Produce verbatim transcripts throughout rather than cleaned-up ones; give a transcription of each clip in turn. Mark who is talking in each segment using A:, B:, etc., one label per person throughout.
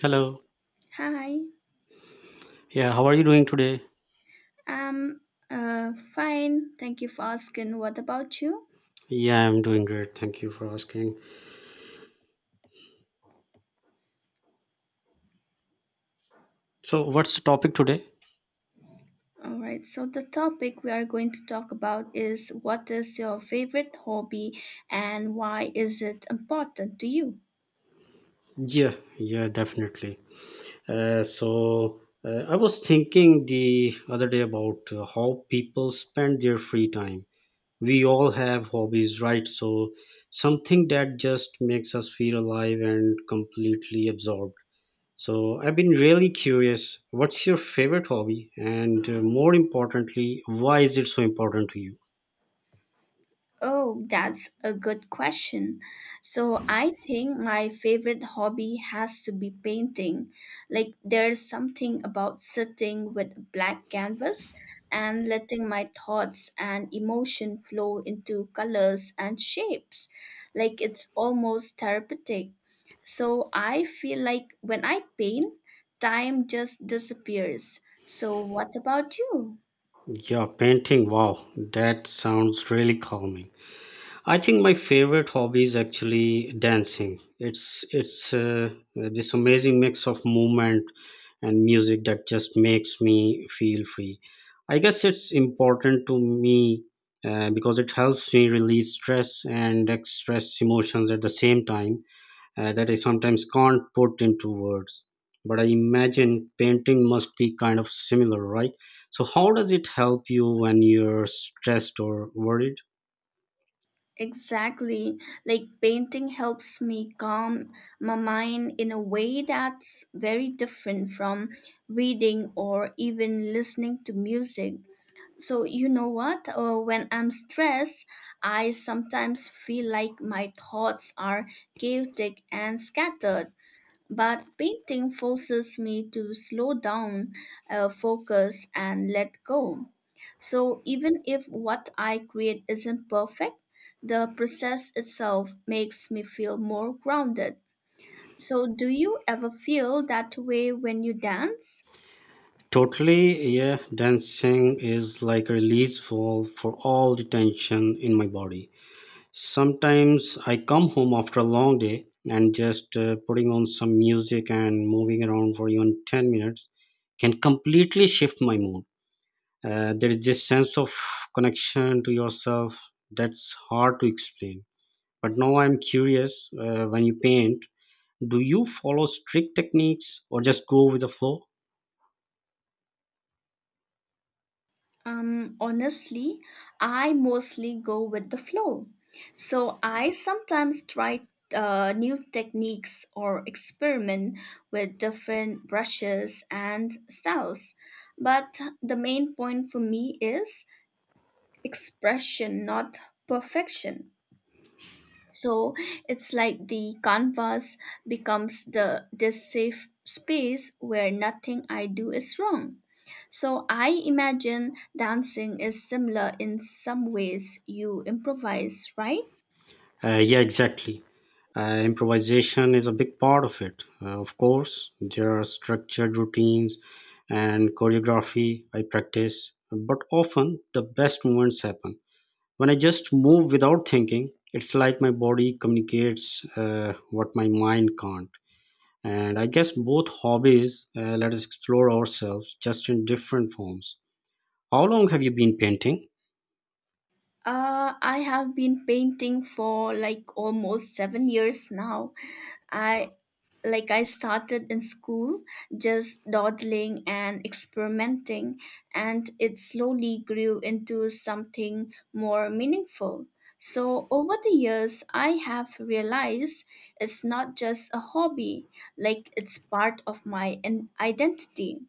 A: Hello.
B: Hi,
A: Yeah, how are you doing today?
B: I'm uh, fine. Thank you for asking. What about you?
A: Yeah, I'm doing great. Thank you for asking. So, what's the topic today?
B: All right, so the topic we are going to talk about is what is your favorite hobby and why is it important to you?
A: Yeah, yeah, definitely. Uh, so, uh, I was thinking the other day about uh, how people spend their free time. We all have hobbies, right? So, something that just makes us feel alive and completely absorbed. So, I've been really curious, what's your favorite hobby? And uh, more importantly, why is it so important to you?
B: Oh, that's a good question. So, I think my favorite hobby has to be painting. Like, there's something about sitting with a black canvas and letting my thoughts and emotion flow into colors and shapes. Like, it's almost therapeutic. So, I feel like when I paint, time just disappears. So, what about you?
A: Yeah, painting. Wow, that sounds really calming. I think my favorite hobby is actually dancing. It's it's uh, this amazing mix of movement and music that just makes me feel free. I guess it's important to me uh, because it helps me release stress and express emotions at the same time uh, that I sometimes can't put into words. But I imagine painting must be kind of similar, right? So, how does it help you when you're stressed or worried?
B: Exactly. Like painting helps me calm my mind in a way that's very different from reading or even listening to music. So, you know what? Uh, when I'm stressed, I sometimes feel like my thoughts are chaotic and scattered. But painting forces me to slow down, uh, focus, and let go. So even if what I create isn't perfect, the process itself makes me feel more grounded. So, do you ever feel that way when you dance?
A: Totally, yeah. Dancing is like a release for for all the tension in my body. Sometimes I come home after a long day and just uh, putting on some music and moving around for even ten minutes can completely shift my mood uh, There is this sense of connection to yourself that's hard to explain, but now I'm curious uh, When you paint, do you follow strict techniques or just go with the flow?
B: Um, honestly, I mostly go with the flow. So I sometimes try uh, new techniques or experiment with different brushes and styles. But the main point for me is expression, not perfection. So it's like the canvas becomes the this safe space where nothing I do is wrong. So I imagine dancing is similar in some ways. You improvise, right?
A: Uh, yeah, exactly. Uh, improvisation is a big part of it. Uh, of course, there are structured routines and choreography I practice, but often the best moments happen when I just move without thinking. It's like my body communicates uh, what my mind can't. And I guess both hobbies uh, let us explore ourselves just in different forms. How long have you been painting?
B: Uh, I have been painting for like almost seven years now. I like I started in school just dawdling and experimenting, and it slowly grew into something more meaningful. So over the years I have realized it's not just a hobby, like it's part of my in- identity.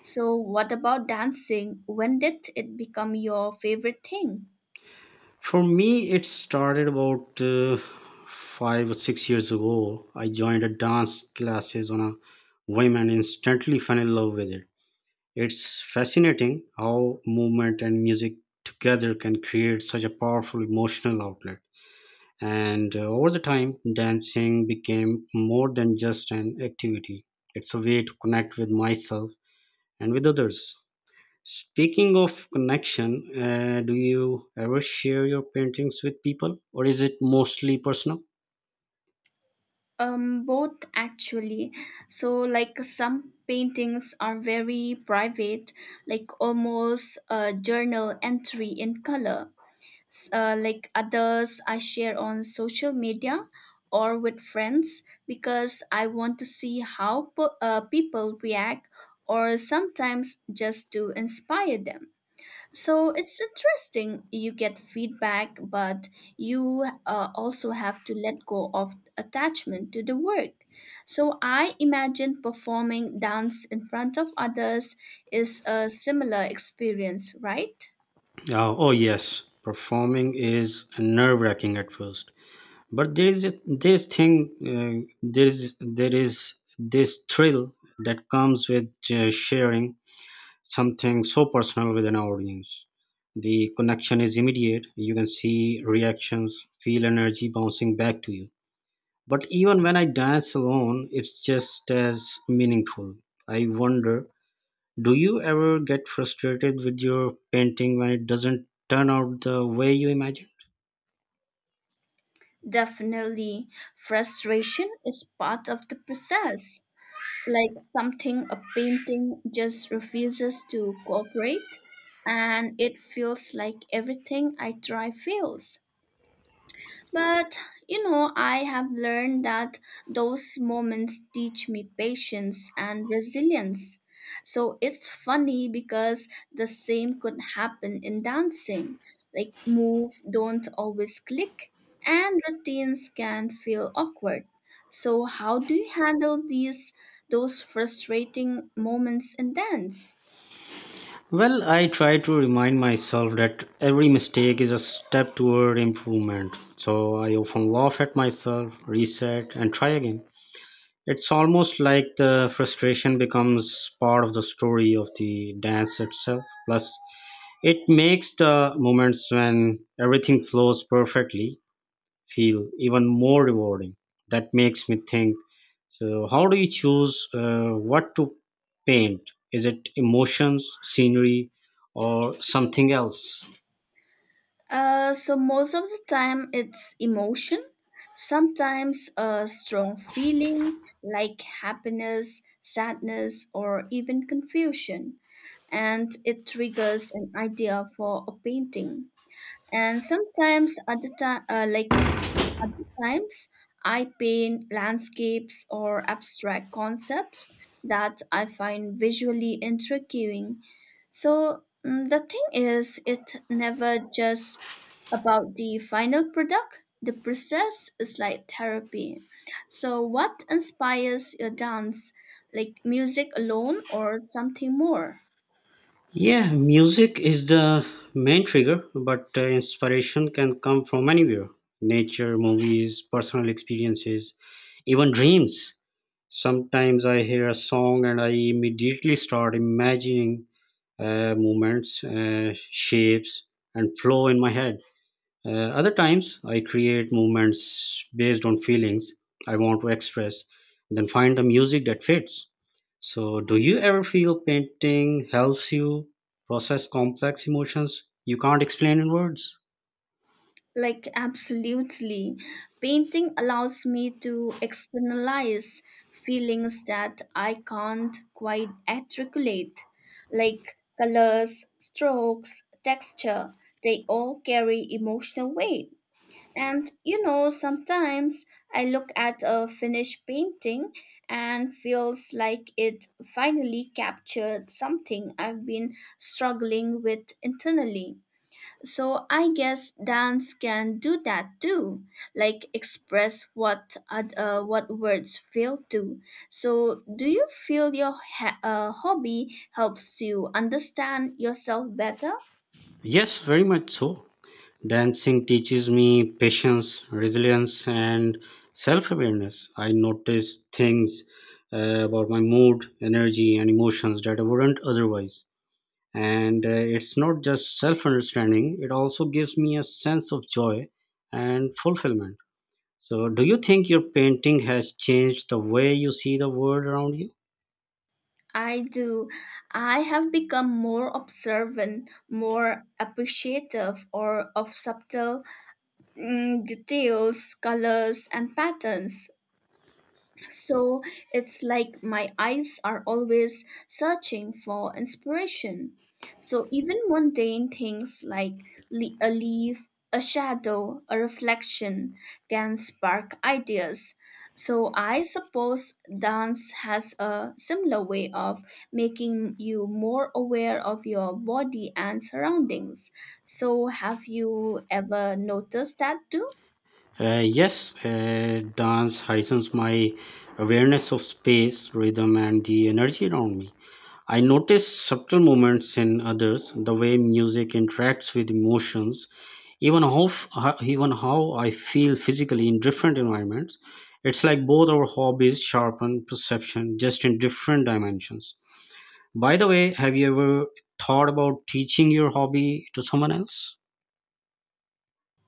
B: So what about dancing? When did it become your favorite thing?
A: For me it started about uh, five or six years ago. I joined a dance classes on a whim and instantly fell in love with it. It's fascinating how movement and music together can create such a powerful emotional outlet. And uh, over the time, dancing became more than just an activity. It's a way to connect with myself and with others. Speaking of connection, uh, do you ever share your paintings with people, or is it mostly personal?
B: Um, both actually. So, like some paintings are very private, like almost a journal entry in color. S- Uh, like others, I share on social media or with friends because I want to see how po- uh, people react, or sometimes just to inspire them. So it's interesting. You get feedback, but you uh, also have to let go of attachment to the work. So I imagine performing dance in front of others is a similar experience, right?
A: Uh, oh, yes, performing is nerve wracking at first, but there is a- this thing, uh, there, is, there is this thrill that comes with uh, sharing something so personal with an audience. The connection is immediate, you can see reactions, feel energy bouncing back to you. But even when I dance alone, it's just as meaningful. I wonder, do you ever get frustrated with your painting when it doesn't turn out the way you imagined?
B: Definitely. Frustration is part of the process. Like something, a painting just refuses to cooperate, and it feels like everything I try fails. But you know, I have learned that those moments teach me patience and resilience. So it's funny because the same could happen in dancing. Like, move don't always click, and routines can feel awkward. So, how do you handle these those frustrating moments in dance?
A: Well, I try to remind myself that every mistake is a step toward improvement. So I often laugh at myself, reset, and try again. It's almost like the frustration becomes part of the story of the dance itself. Plus, it makes the moments when everything flows perfectly feel even more rewarding. That makes me think. So, how do you choose uh, what to paint? Is it emotions, scenery, or something else?
B: Uh, so most of the time it's emotion, sometimes a strong feeling like happiness, sadness, or even confusion, and it triggers an idea for a painting. And sometimes other time, uh, like other times, I paint landscapes or abstract concepts that I find visually intriguing. So mm, the thing is, it never just about the final product. The process is like therapy. So, what inspires your dance? Like music alone or something more?
A: Yeah, music is the main trigger, but uh, inspiration can come from anywhere: nature, movies, personal experiences, even dreams. Sometimes I hear a song and I immediately start imagining uh, movements, uh, shapes, and flow in my head. Uh, other times, I create movements based on feelings I want to express, and then find the music that fits. So, do you ever feel painting helps you process complex emotions you can't explain in words?
B: Like, absolutely. Painting allows me to externalize feelings that I can't quite articulate. Like colors, strokes, texture, they all carry emotional weight. And you know, sometimes I look at a finished painting and feels like it finally captured something I've been struggling with internally. So I guess dance can do that too, like express what ad- uh, what words fail to. So do you feel your ha- uh, hobby helps you understand yourself better?
A: Yes, very much so. Dancing teaches me patience, resilience, and self awareness. I notice things uh, about my mood, energy, and emotions that I wouldn't otherwise. And uh, it's not just self understanding, it also gives me a sense of joy and fulfillment. So, do you think your painting has changed the way you see the world around you?
B: I do. I have become more observant, more appreciative or of subtle mm, details, colors, and patterns. So it's like my eyes are always searching for inspiration. So even mundane things like le- a leaf, a shadow, a reflection can spark ideas. So I suppose dance has a similar way of making you more aware of your body and surroundings. So have you ever noticed that too?
A: Uh, yes, uh, dance heightens my awareness of space, rhythm, and the energy around me. I notice subtle movements in others, the way music interacts with emotions, even how, f- how- even how I feel physically in different environments. It's like both our hobbies sharpen perception just in different dimensions. By the way, have you ever thought about teaching your hobby to someone else?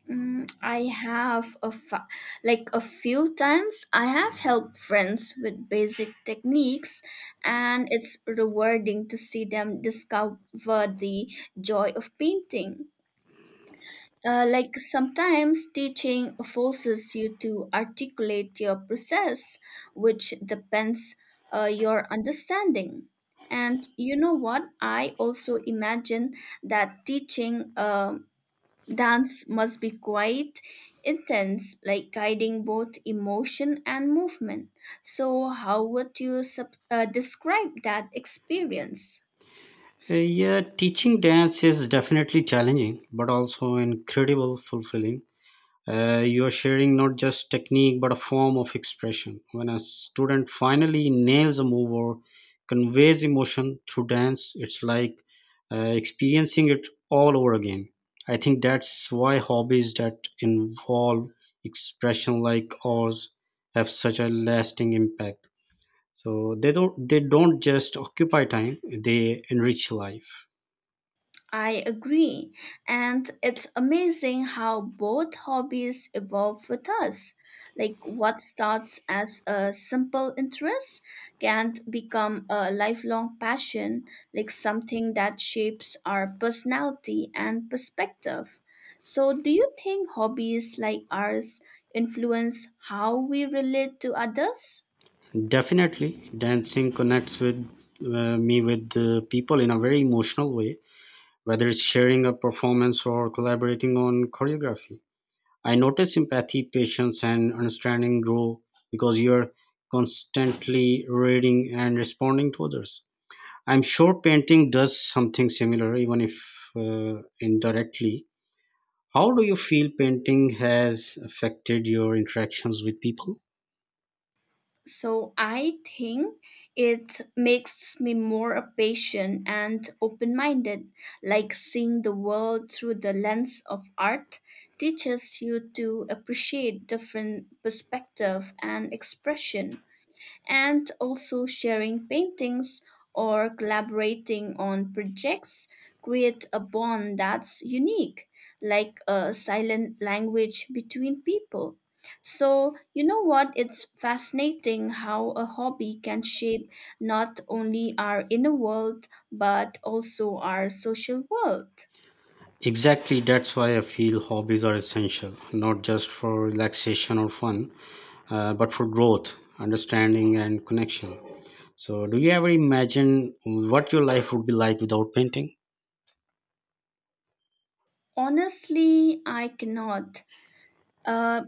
B: Mm, I have a fa- like a few times I have helped friends with basic techniques, and it's rewarding to see them discover the joy of painting. Uh, like sometimes teaching forces you to articulate your process, which depends uh, your understanding. And you know what? I also imagine that teaching um dance must be quite intense, like guiding both emotion and movement. So, how would you sub- uh, describe that experience?
A: Uh, yeah, teaching dance is definitely challenging, but also incredible fulfilling. Uh, you're sharing not just technique but a form of expression. When a student finally nails a move or conveys emotion through dance, it's like uh, experiencing it all over again. I think that's why hobbies that involve expression like ours have such a lasting impact. So they don't they don't just occupy time; they enrich life.
B: I agree. And it's amazing how both hobbies evolve with us. Like what starts as a simple interest can become a lifelong passion, like something that shapes our personality and perspective. So, do you think hobbies like ours influence how we relate to others?
A: Definitely, dancing connects with uh, me with uh, people in a very emotional way, whether it's sharing a performance or collaborating on choreography. I notice empathy, patience, and understanding grow because you're constantly reading and responding to others. I'm sure painting does something similar, even if uh, indirectly. How do you feel painting has affected your interactions with people?
B: So I think it makes me more patient and open minded. Like seeing the world through the lens of art teaches you to appreciate different perspective and expression, and also sharing paintings or collaborating on projects create a bond that's unique, like a silent language between people. So, you know what? It's fascinating how a hobby can shape not only our inner world but also our social world.
A: Exactly, that's why I feel hobbies are essential, not just for relaxation or fun, uh, but for growth, understanding, and connection. So, do you ever imagine what your life would be like without painting?
B: Honestly, I cannot. Uh,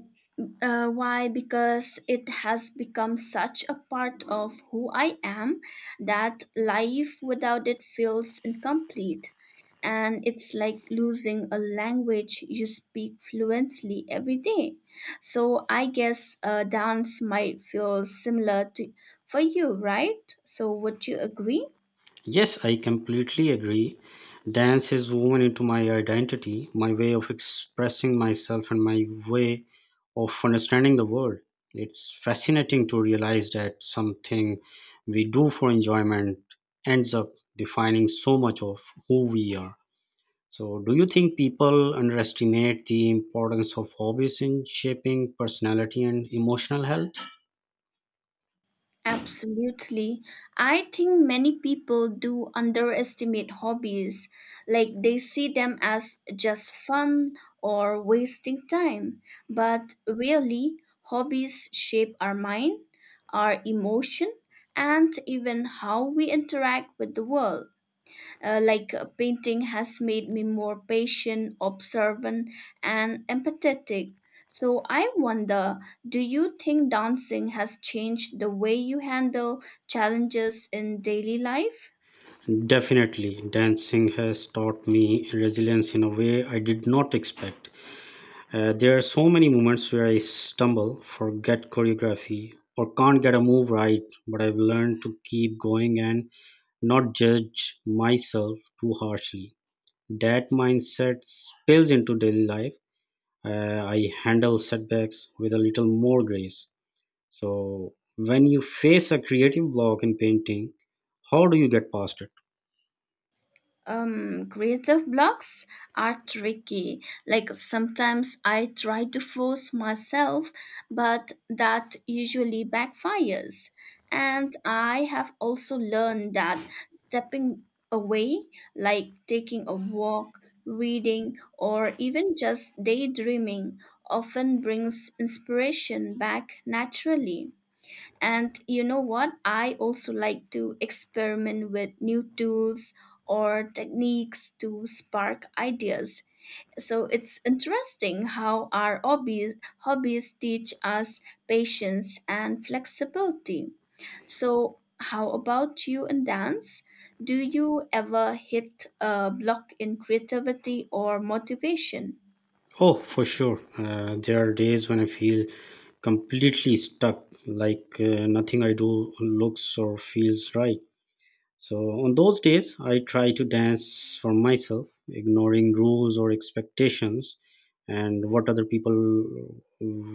B: Uh, why? Because it has become such a part of who I am that life without it feels incomplete. And it's like losing a language you speak fluently every day. So I guess uh, dance might feel similar to for you, right? So would you agree?
A: Yes, I completely agree. Dance is woven into my identity, my way of expressing myself, and my way of understanding the world. It's fascinating to realize that something we do for enjoyment ends up defining so much of who we are. So, do you think people underestimate the importance of hobbies in shaping personality and emotional health?
B: Absolutely. I think many people do underestimate hobbies, like they see them as just fun or wasting time. But really, hobbies shape our mind, our emotion, and even how we interact with the world. Uh, like uh, painting has made me more patient, observant, and empathetic. So I wonder, do you think dancing has changed the way you handle challenges in daily life?
A: Definitely, dancing has taught me resilience in a way I did not expect. Uh, there are so many moments where I stumble, forget choreography, or can't get a move right, but I've learned to keep going and not judge myself too harshly. That mindset spills into daily life. Uh, I handle setbacks with a little more grace. So, when you face a creative block in painting, how do you get past it?
B: Um, creative blocks are tricky. Like sometimes I try to force myself, but that usually backfires. And I have also learned that stepping away, like taking a walk, reading, or even just daydreaming, often brings inspiration back naturally. And you know what? I also like to experiment with new tools or techniques to spark ideas. So it's interesting how our hobbies, hobbies teach us patience and flexibility. So, how about you in dance? Do you ever hit a block in creativity or motivation?
A: Oh, for sure. Uh, there are days when I feel completely stuck, like uh, nothing I do looks or feels right. So, on those days, I try to dance for myself, ignoring rules or expectations and what other people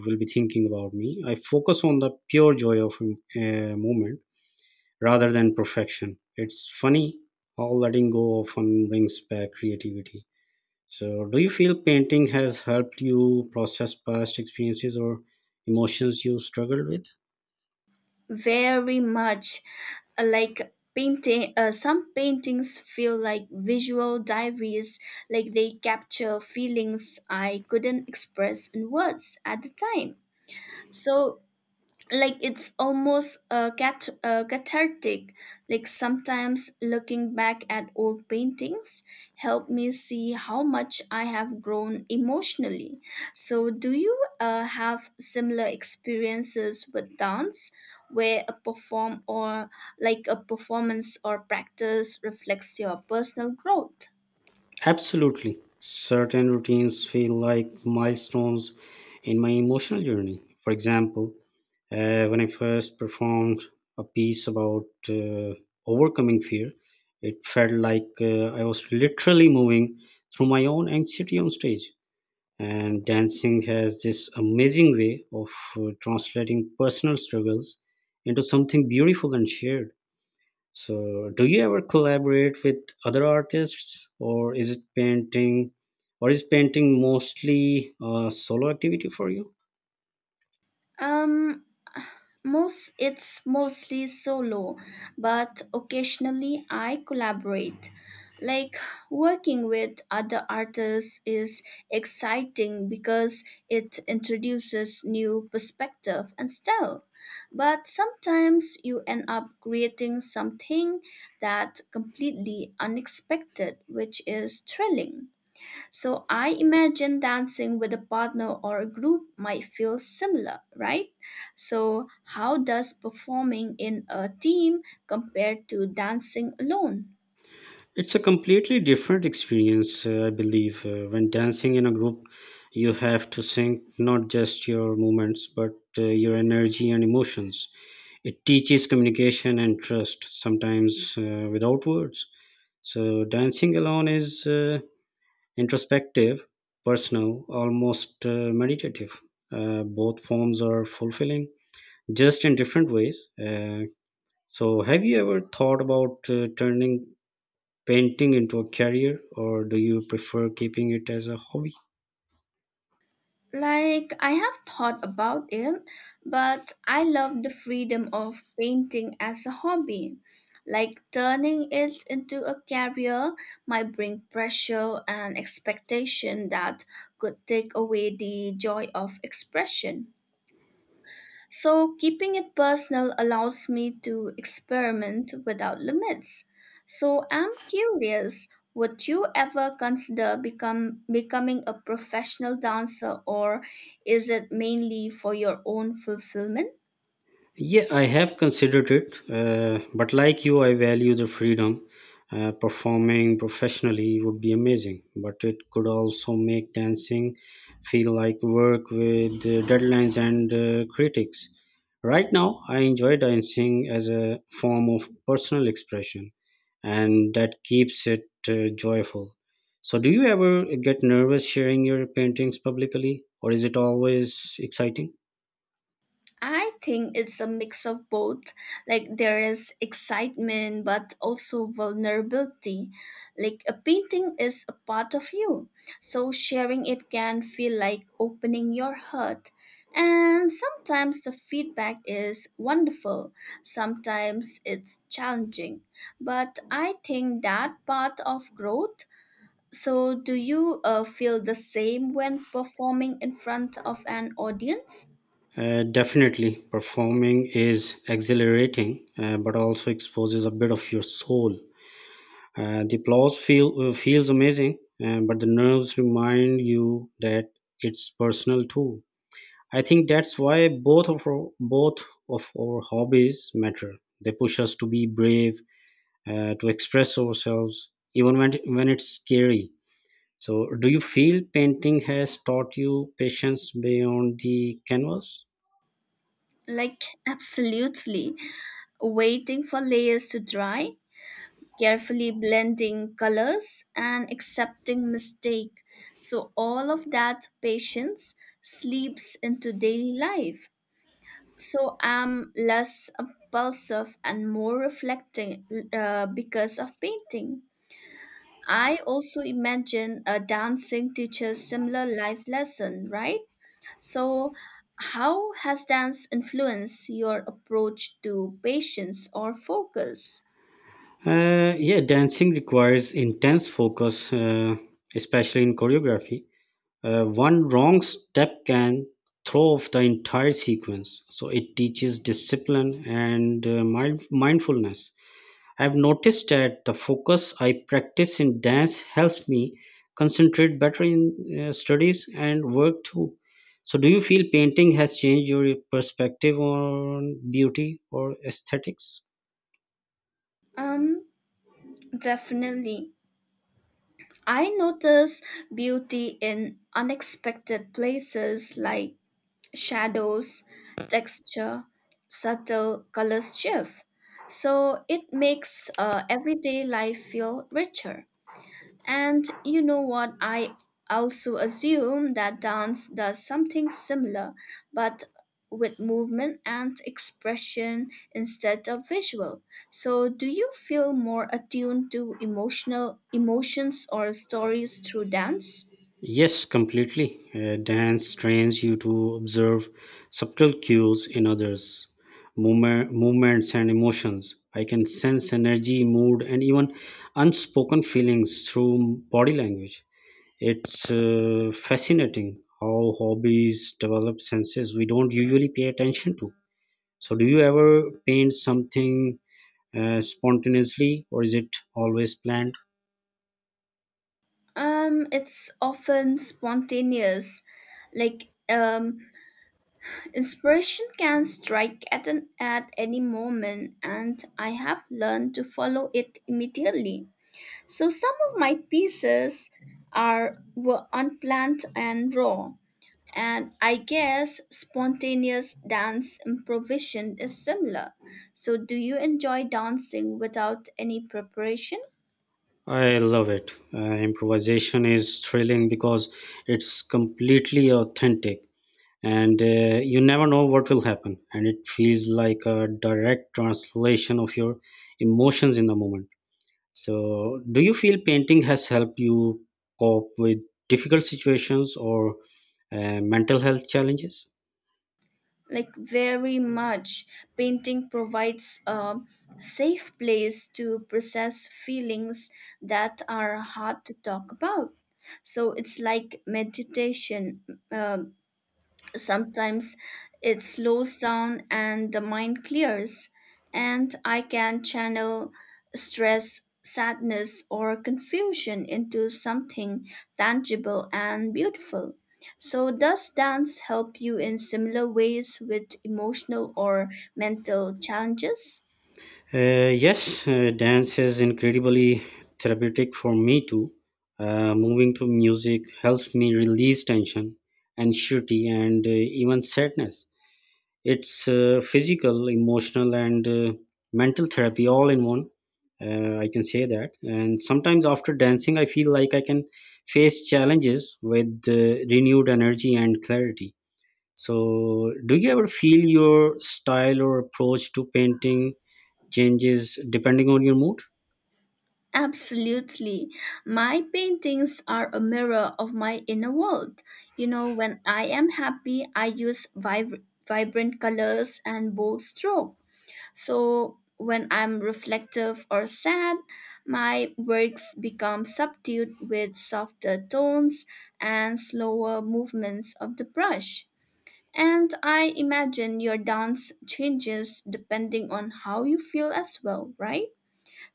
A: will be thinking about me. I focus on the pure joy of um, a moment rather than perfection. It's funny how letting go often brings back creativity. So, do you feel painting has helped you process past experiences or emotions you struggled with?
B: Very much. Uh, like painting, uh, some paintings feel like visual diaries, like they capture feelings I couldn't express in words at the time. So like it's almost uh, cat uh, cathartic. Like sometimes looking back at old paintings help me see how much I have grown emotionally. So do you uh, have similar experiences with dance where a perform or like a performance or practice reflects your personal growth?
A: Absolutely. Certain routines feel like milestones in my emotional journey. For example, uh, when I first performed a piece about uh, overcoming fear, it felt like uh, I was literally moving through my own anxiety on stage. And dancing has this amazing way of uh, translating personal struggles into something beautiful and shared. So do you ever collaborate with other artists, or is it painting or is painting mostly a solo activity for you?
B: Um Most It's mostly solo, but occasionally I collaborate. Like working with other artists is exciting because it introduces new perspective and style. But sometimes you end up creating something that completely unexpected, which is thrilling. So I imagine dancing with a partner or a group might feel similar, right? So, how does performing in a team compare to dancing alone?
A: It's a completely different experience. uh, I believe uh, when dancing in a group, you have to sync not just your movements but uh, your energy and emotions. It teaches communication and trust, sometimes uh, without words. So dancing alone is uh, introspective, personal, almost uh, meditative. Uh, both forms are fulfilling, just in different ways. Uh, so have you ever thought about uh, turning painting into a career, or do you prefer keeping it as a hobby?
B: Like, I have thought about it, but I love the freedom of painting as a hobby. Like, turning it into a career might bring pressure and expectation that could take away the joy of expression. So, keeping it personal allows me to experiment without limits. So, I'm curious, would you ever consider become becoming a professional dancer, or is it mainly for your own fulfillment?
A: Yeah, I have considered it, uh, but like you, I value the freedom. Uh, performing professionally would be amazing, but it could also make dancing feel like work with uh, deadlines and uh, critics. Right now, I enjoy dancing as a form of personal expression, and that keeps it uh, joyful. So, do you ever get nervous sharing your paintings publicly, or is it always exciting?
B: I think it's a mix of both. Like there is excitement, but also vulnerability. Like a painting is a part of you, so sharing it can feel like opening your heart. And sometimes the feedback is wonderful, sometimes it's challenging. But I think that part of growth. So, do you uh, feel the same when performing in front of an audience?
A: Uh, definitely, performing is exhilarating, uh, but also exposes a bit of your soul. Uh, the applause feel, uh, feels amazing, uh, but the nerves remind you that it's personal too. I think that's why both of our, both of our hobbies matter. They push us to be brave, uh, to express ourselves, even when when it's scary. So, do you feel painting has taught you patience beyond the canvas?
B: Like, absolutely. Waiting for layers to dry, carefully blending colors, and accepting mistake. So, all of that patience sleeps into daily life. So, I'm less impulsive and more reflecting uh, because of painting. I also imagine a dancing teacher's similar life lesson, right? So, how has dance influenced your approach to patience or focus?
A: Uh, yeah, dancing requires intense focus, uh, especially in choreography. Uh, one wrong step can throw off the entire sequence. So it teaches discipline and uh, mind- mindfulness. I've noticed that the focus I practice in dance helps me concentrate better in uh, studies and work too. So, do you feel painting has changed your perspective on beauty or aesthetics?
B: Um, Definitely. I notice beauty in unexpected places like shadows, texture, subtle color shift. So it makes uh, everyday life feel richer. And you know what? I also assume that dance does something similar, but with movement and expression instead of visual. So, do you feel more attuned to emotional emotions or stories through dance?
A: Yes, completely. Uh, dance trains you to observe subtle cues in others, movement, movements, and emotions. I can sense energy, mood, and even unspoken feelings through body language. It's uh, fascinating how hobbies develop senses we don't usually pay attention to. So, do you ever paint something uh, spontaneously, or is it always planned?
B: Um, it's often spontaneous, like um, inspiration can strike at an at any moment, and I have learned to follow it immediately. So some of my pieces are were unplanned and raw, and I guess spontaneous dance improvisation is similar. So do you enjoy dancing without any preparation?
A: I love it. Uh, improvisation is thrilling because it's completely authentic, and uh, you never know what will happen. And it feels like a direct translation of your emotions in the moment. So, do you feel painting has helped you cope with difficult situations or uh, mental health challenges?
B: Like very much, painting provides a safe place to process feelings that are hard to talk about. So it's like meditation. uh, Sometimes it slows down and the mind clears, and I can channel stress, sadness, or confusion into something tangible and beautiful. So, does dance help you in similar ways with emotional or mental challenges?
A: Uh, yes, uh, dance is incredibly therapeutic for me too. Uh, moving to music helps me release tension, anxiety, and uh, even sadness. It's uh, physical, emotional, and uh, mental therapy all in one. Uh, I can say that. And sometimes after dancing, I feel like I can face challenges with uh, renewed energy and clarity. So, do you ever feel your style or approach to painting changes depending on your mood?
B: Absolutely. My paintings are a mirror of my inner world. You know, when I am happy, I use vibr- vibrant colors and bold stroke. So, when I'm reflective or sad, my works become subdued with softer tones and slower movements of the brush. And I imagine your dance changes depending on how you feel as well, right?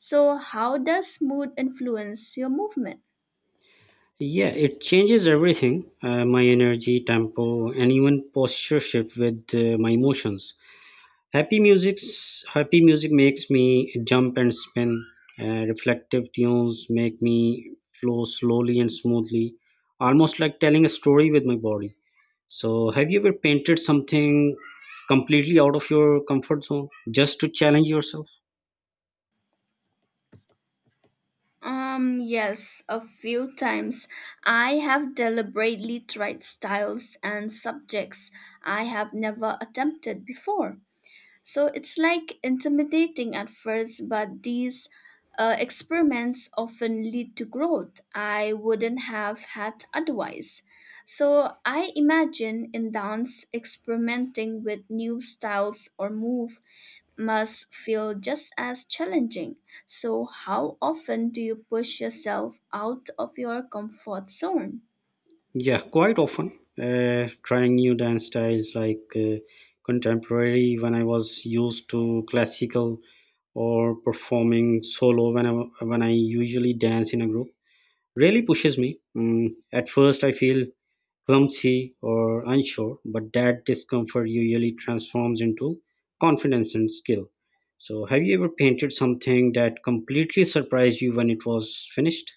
B: So, how does mood influence your movement?
A: Yeah, it changes everything: uh, my energy, tempo, and even posture shift with uh, my emotions. Happy music's happy music makes me jump and spin. Uh, reflective tunes make me flow slowly and smoothly, almost like telling a story with my body. So, have you ever painted something completely out of your comfort zone just to challenge yourself?
B: Um, yes, a few times I have deliberately tried styles and subjects I have never attempted before. So, it's like intimidating at first, but these uh, experiments often lead to growth I wouldn't have had otherwise. So, I imagine in dance experimenting with new styles or move must feel just as challenging. So, how often do you push yourself out of your comfort zone?
A: Yeah, quite often. Uh, trying new dance styles, like uh, contemporary when I was used to classical, or performing solo when I, when I usually dance in a group, really pushes me. Mm, at first, I feel clumsy or unsure, but that discomfort usually transforms into confidence and skill. So, have you ever painted something that completely surprised you when it was finished?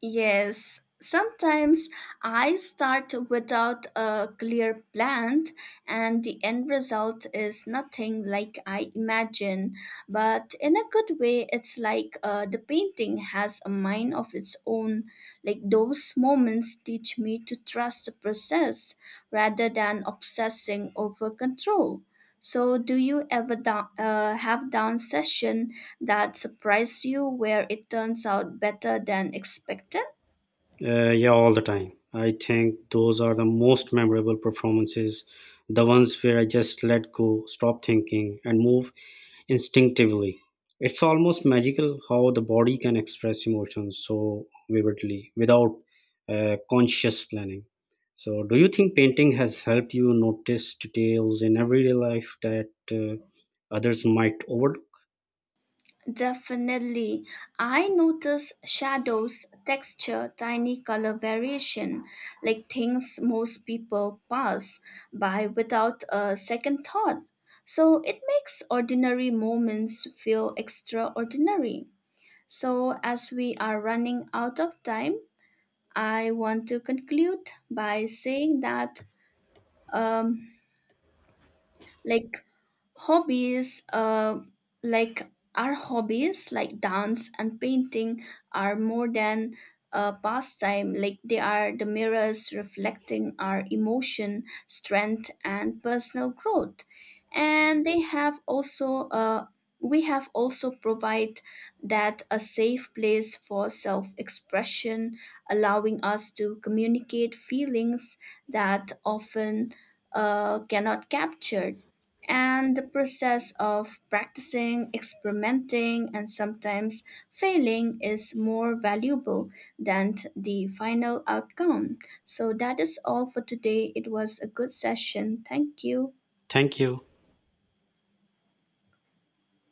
B: Yes, sometimes I start without a clear plan, and the end result is nothing like I imagine. But in a good way, it's like uh, the painting has a mind of its own. Like those moments teach me to trust the process rather than obsessing over control. So, do you ever down, uh, have down session that surprised you where it turns out better than expected?
A: Uh, yeah, all the time. I think those are the most memorable performances, the ones where I just let go, stop thinking, and move instinctively. It's almost magical how the body can express emotions so vividly without uh, conscious planning. So, do you think painting has helped you notice details in everyday life that uh, others might overlook?
B: Definitely. I notice shadows, texture, tiny color variation, like things most people pass by without a second thought. So, it makes ordinary moments feel extraordinary. So, as we are running out of time, I want to conclude by saying that um, like hobbies uh, like our hobbies like dance and painting are more than a pastime, like they are the mirrors reflecting our emotion strength and personal growth, and they have also uh, we have also provide that a safe place for self-expression, allowing us to communicate feelings that often uh, cannot capture, and the process of practicing, experimenting, and sometimes failing is more valuable than t- the final outcome. So, that is all for today. It was a good session. Thank you.
A: Thank you.